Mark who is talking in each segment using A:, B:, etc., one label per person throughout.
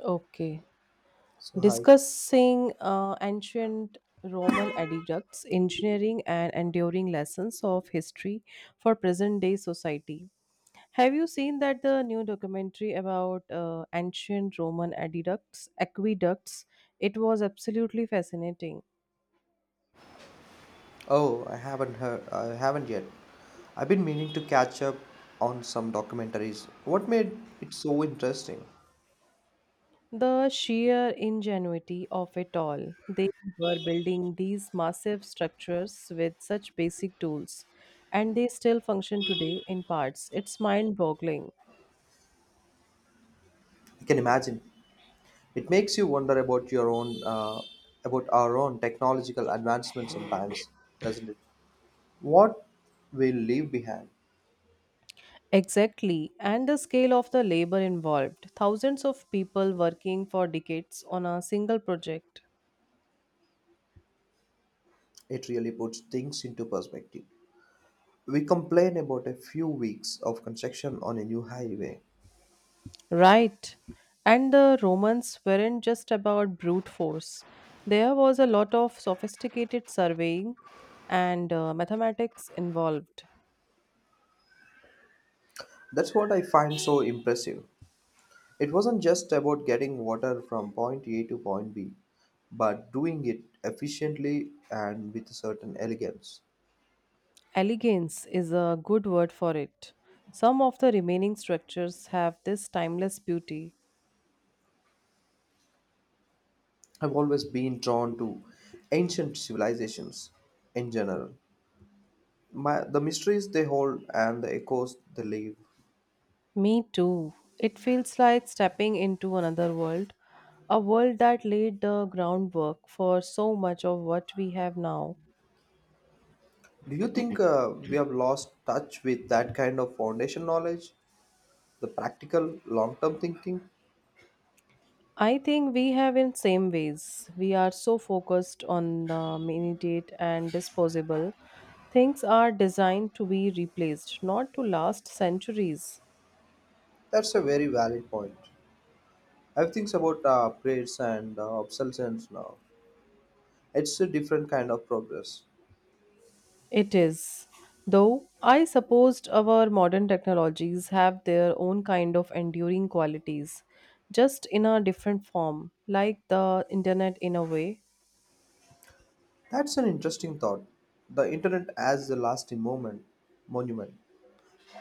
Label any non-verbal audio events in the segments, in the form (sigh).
A: Okay.
B: So hi.
A: Discussing ancient Roman aqueducts, engineering, and enduring lessons of history for present day society. Have you seen that the new documentary about ancient Roman aqueducts? It was absolutely fascinating.
B: Oh, I haven't heard. I haven't yet. I've been meaning to catch up on some documentaries. What made it so interesting?
A: The sheer ingenuity of it all. They were building these massive structures with such basic tools, and they still function today in parts. It's mind boggling.
B: I can imagine. It makes you wonder about your own, about our own technological advancement sometimes, doesn't it? What we leave behind.
A: Exactly, and the scale of the labor involved thousands of people working for decades on a single project.
B: It really puts things into perspective. We complain about a few weeks of construction on a new highway.
A: Right, and the Romans weren't just about brute force, there was a lot of sophisticated surveying and mathematics involved.
B: That's what I find so impressive. It wasn't just about getting water from point A to point B, but doing it efficiently and with a certain elegance.
A: Elegance is a good word for it. Some of the remaining structures have this timeless beauty.
B: I've always been drawn to ancient civilizations in general, the mysteries they hold and the echoes they leave.
A: Me too. It feels like stepping into another world, a world that laid the groundwork for so much of what we have now.
B: Do you think we have lost touch with that kind of foundation knowledge, the practical long term thinking?
A: I think we have in same ways. We are so focused on the immediate and disposable. Things are designed to be replaced, not to last centuries.
B: That's a very valid point. I have things about prayers and obsolescence now. It's a different kind of progress.
A: It is. Though I supposed our modern technologies have their own kind of enduring qualities, just in a different form, like the internet in a way.
B: That's an interesting thought. The internet as the lasting monument.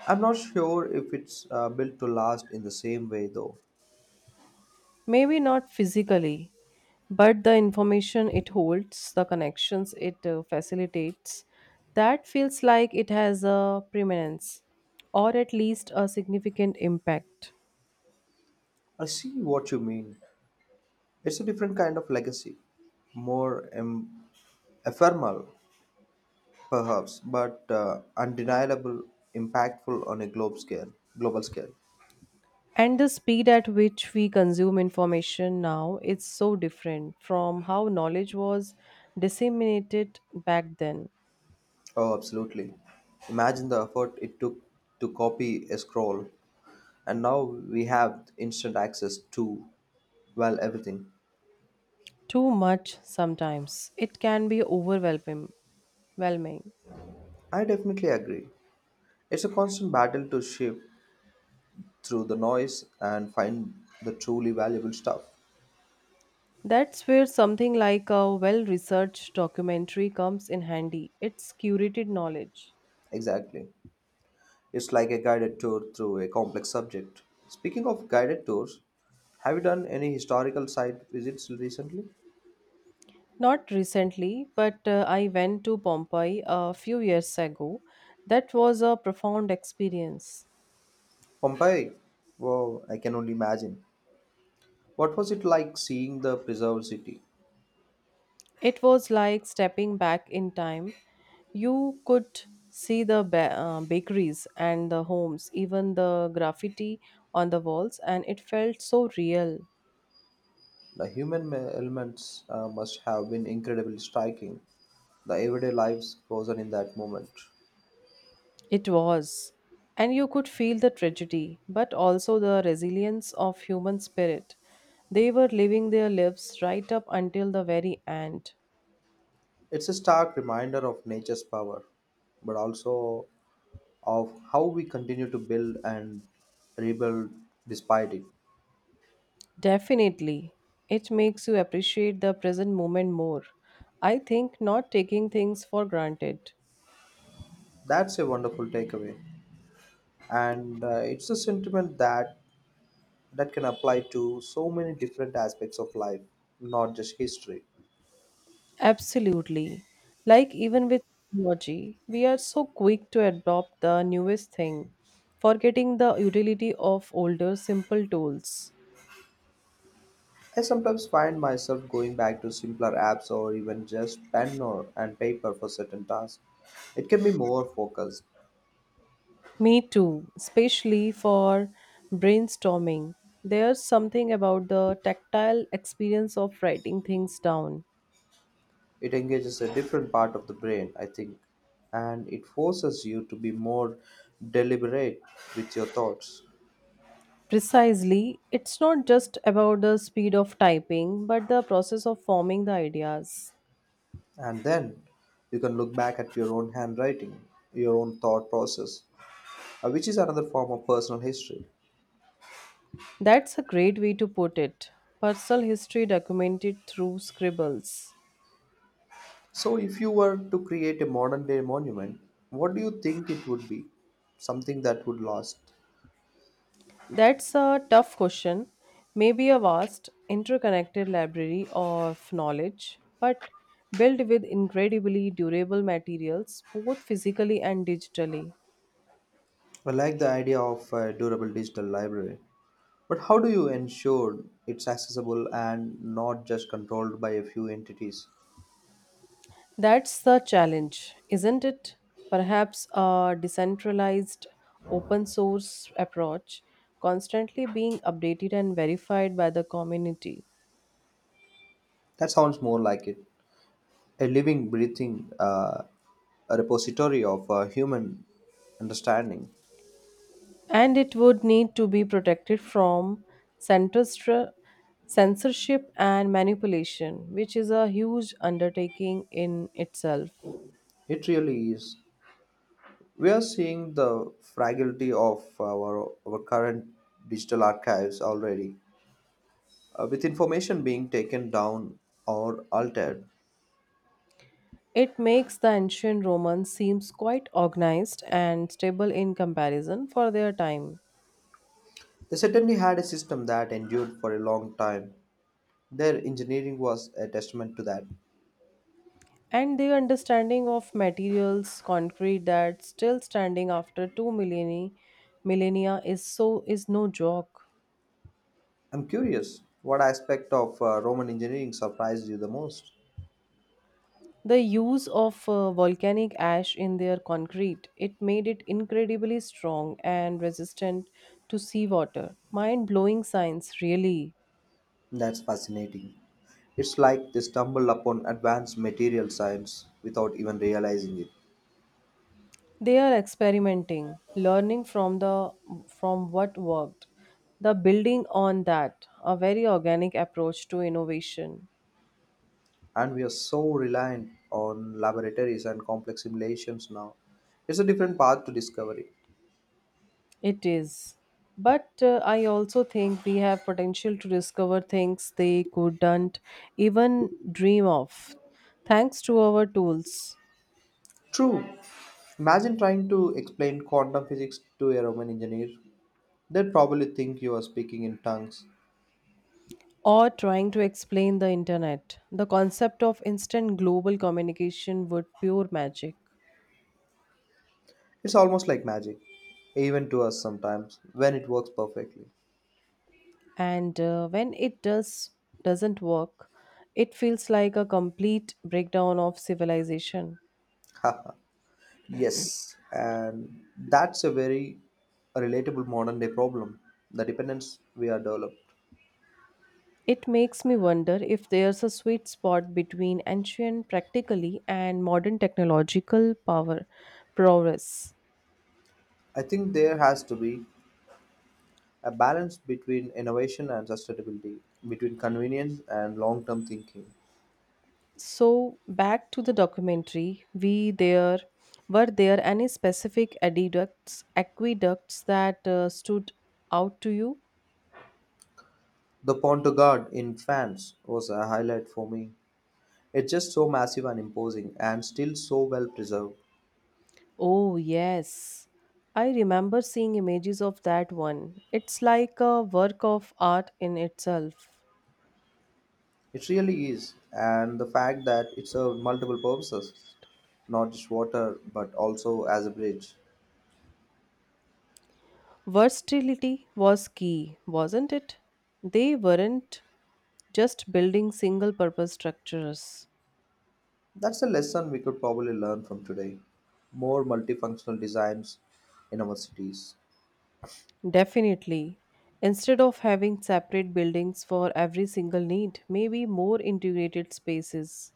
B: I'm not sure if it's built to last in the same way, though.
A: Maybe not physically, but the information it holds, the connections it facilitates, that feels like it has a preeminence, or at least a significant impact.
B: I see what you mean. It's a different kind of legacy, more ephemeral, perhaps, but undeniable, impactful on a global scale.
A: And the speed at which we consume information now is so different from how knowledge was disseminated back then.
B: Oh, absolutely. Imagine the effort it took to copy a scroll, and now we have instant access to, well, everything.
A: Too much sometimes, it can be overwhelming.
B: I definitely agree. It's a constant battle to shift through the noise and find the truly valuable stuff.
A: That's where something like a well researched documentary comes in handy. It's curated knowledge.
B: Exactly. It's like a guided tour through a complex subject. Speaking of guided tours, have you done any historical site visits recently?
A: Not recently, but I went to Pompeii a few years ago. That was a profound experience.
B: Pompeii? Wow, I can only imagine. What was it like seeing the preserved city?
A: It was like stepping back in time. You could see the bakeries and the homes, even the graffiti on the walls, and it felt so real.
B: The elements must have been incredibly striking. The everyday lives frozen in that moment.
A: It was. And you could feel the tragedy, but also the resilience of human spirit. They were living their lives right up until the very end.
B: It's a stark reminder of nature's power, but also of how we continue to build and rebuild despite it.
A: Definitely. It makes you appreciate the present moment more. I think not taking things for granted.
B: That's a wonderful takeaway, and it's a sentiment that can apply to so many different aspects of life, not just history.
A: Absolutely. Like even with technology, we are so quick to adopt the newest thing, forgetting the utility of older simple tools.
B: I sometimes find myself going back to simpler apps or even just pen or and paper for certain tasks. It can be more focused.
A: Me too, especially for brainstorming. There's something about the tactile experience of writing things down.
B: It engages a different part of the brain, I think, and it forces you to be more deliberate with your thoughts.
A: Precisely, it's not just about the speed of typing, but the process of forming the ideas.
B: And then you can look back at your own handwriting, your own thought process, which is another form of personal history.
A: That's a great way to put it. Personal history documented through scribbles.
B: So, if you were to create a modern day monument, what do you think it would be? Something that would last.
A: That's a tough question. Maybe a vast, interconnected library of knowledge, but built with incredibly durable materials, both physically and digitally.
B: I like the idea of a durable digital library, but how do you ensure it's accessible and not just controlled by a few entities?
A: That's the challenge, isn't it? Perhaps a decentralized, open source approach, constantly being updated and verified by the community.
B: That sounds more like it. A living, breathing a repository of human understanding.
A: And it would need to be protected from centristra- censorship and manipulation, which is a huge undertaking in itself.
B: It really is. We are seeing the fragility of our current digital archives already, with information being taken down or altered.
A: It makes the ancient Romans seems quite organized and stable in comparison for their time.
B: They certainly had a system that endured for a long time. Their engineering was a testament to that.
A: And their understanding of materials, concrete that's still standing after two millennia is no joke.
B: I'm curious, what aspect of Roman engineering surprised you the most?
A: The use of volcanic ash in their concrete, it made it incredibly strong and resistant to seawater. Mind-blowing science, really.
B: That's fascinating. It's like they stumbled upon advanced material science without even realizing it.
A: They are experimenting, learning from the from what worked. The building on that, a very organic approach to innovation.
B: And we are so reliant on laboratories and complex simulations now. It's a different path to discovery.
A: It is. But I also think we have potential to discover things they couldn't even dream of, thanks to our tools.
B: True. Imagine trying to explain quantum physics to a Roman engineer. They'd probably think you are speaking in tongues.
A: Or trying to explain the internet. The concept of instant global communication would pure magic.
B: It's almost like magic, even to us sometimes, when it works perfectly.
A: And when it doesn't work, it feels like a complete breakdown of civilization.
B: (laughs) Yes, and that's a very relatable modern day problem, the dependence we are developed.
A: It makes me wonder if there's a sweet spot between ancient practically and modern technological power progress.
B: I think there has to be a balance between innovation and sustainability, between convenience and long term thinking.
A: So back to the documentary, we there were there any specific aqueducts that stood out to you?
B: The Pont de Gard in France was a highlight for me. It's just so massive and imposing and still so well preserved.
A: Oh yes. I remember seeing images of that one. It's like a work of art in itself.
B: It really is, and the fact that it served multiple purposes, not just water but also as a bridge.
A: Versatility was key, wasn't it? They weren't just building single purpose structures.
B: That's a lesson we could probably learn from today. More multifunctional designs in our cities.
A: Definitely. Instead of having separate buildings for every single need, maybe more integrated spaces.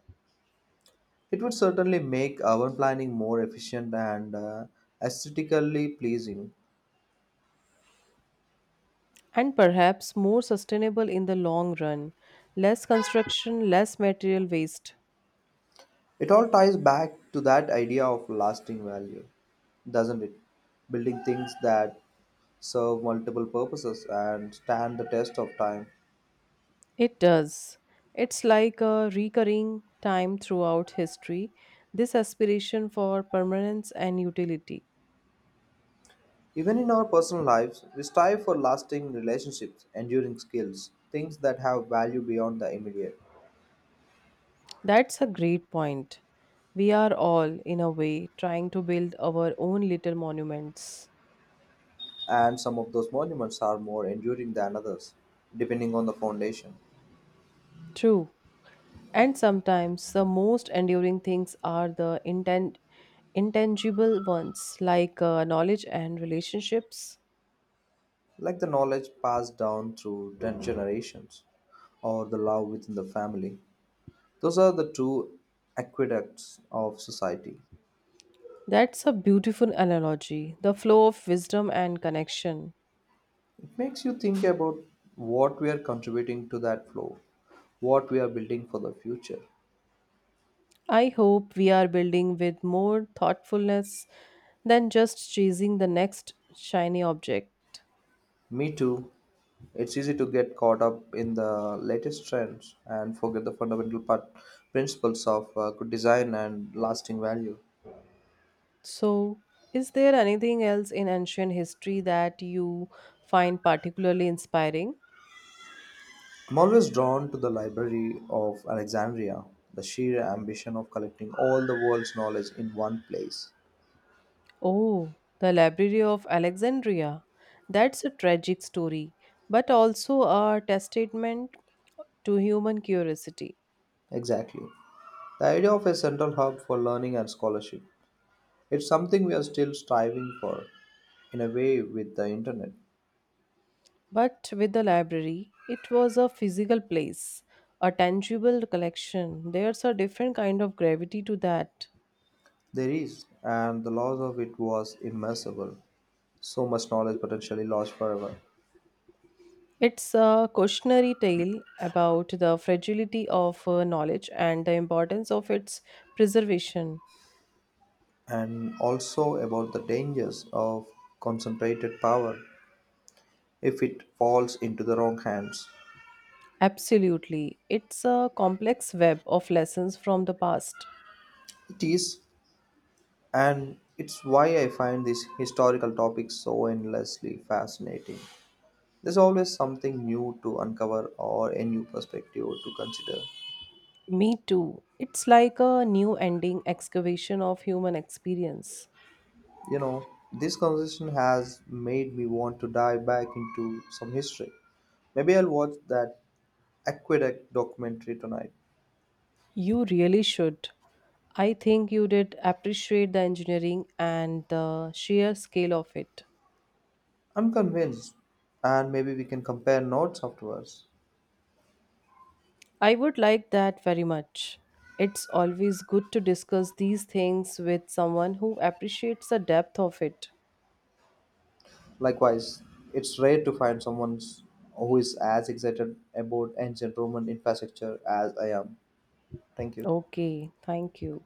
B: It would certainly make urban planning more efficient and aesthetically pleasing.
A: And perhaps more sustainable in the long run. Less construction, less material waste.
B: It all ties back to that idea of lasting value, doesn't it? Building things that serve multiple purposes and stand the test of time.
A: It does. It's like a recurring time throughout history, this aspiration for permanence and utility.
B: Even in our personal lives, we strive for lasting relationships, enduring skills, things that have value beyond the immediate.
A: That's a great point. We are all, in a way, trying to build our own little monuments.
B: And some of those monuments are more enduring than others, depending on the foundation,
A: True. And sometimes the most enduring things are the intangible ones, like knowledge and relationships.
B: like the knowledge passed down through 10 generations or the love within the family. Those are the two aqueducts of society.
A: That's a beautiful analogy, the flow of wisdom and connection.
B: It makes you think about what we are contributing to that flow, what we are building for the future.
A: I hope we are building with more thoughtfulness than just chasing the next shiny object.
B: Me too. It's easy to get caught up in the latest trends and forget the principles of good design and lasting value.
A: So, is there anything else in ancient history that you find particularly inspiring?
B: I'm always drawn to the Library of Alexandria, the sheer ambition of collecting all the world's knowledge in one place.
A: Oh, the Library of Alexandria. That's a tragic story, but also a testament to human curiosity.
B: Exactly. The idea of a central hub for learning and scholarship. It's something we are still striving for, in a way, with the internet.
A: But with the library, it was a physical place, a tangible collection. There's a different kind of gravity to that.
B: There is, and the loss of it was immeasurable. So much knowledge potentially lost forever.
A: It's a cautionary tale about the fragility of knowledge and the importance of its preservation.
B: And also about the dangers of concentrated power if it falls into the wrong hands.
A: Absolutely. It's a complex web of lessons from the past.
B: It is. And it's why I find these historical topics so endlessly fascinating. There's always something new to uncover or a new perspective to consider.
A: Me too. It's like a new ending excavation of human experience.
B: You know, this conversation has made me want to dive back into some history. Maybe I'll watch that aqueduct documentary tonight.
A: You really should. I think you did appreciate the engineering and the sheer scale of it.
B: I'm convinced, and maybe we can compare notes afterwards.
A: I would like that very much. It's always good to discuss these things with someone who appreciates the depth of it.
B: Likewise, it's rare to find someone who is as excited about ancient Roman infrastructure as I am. Thank you.
A: Okay, thank you.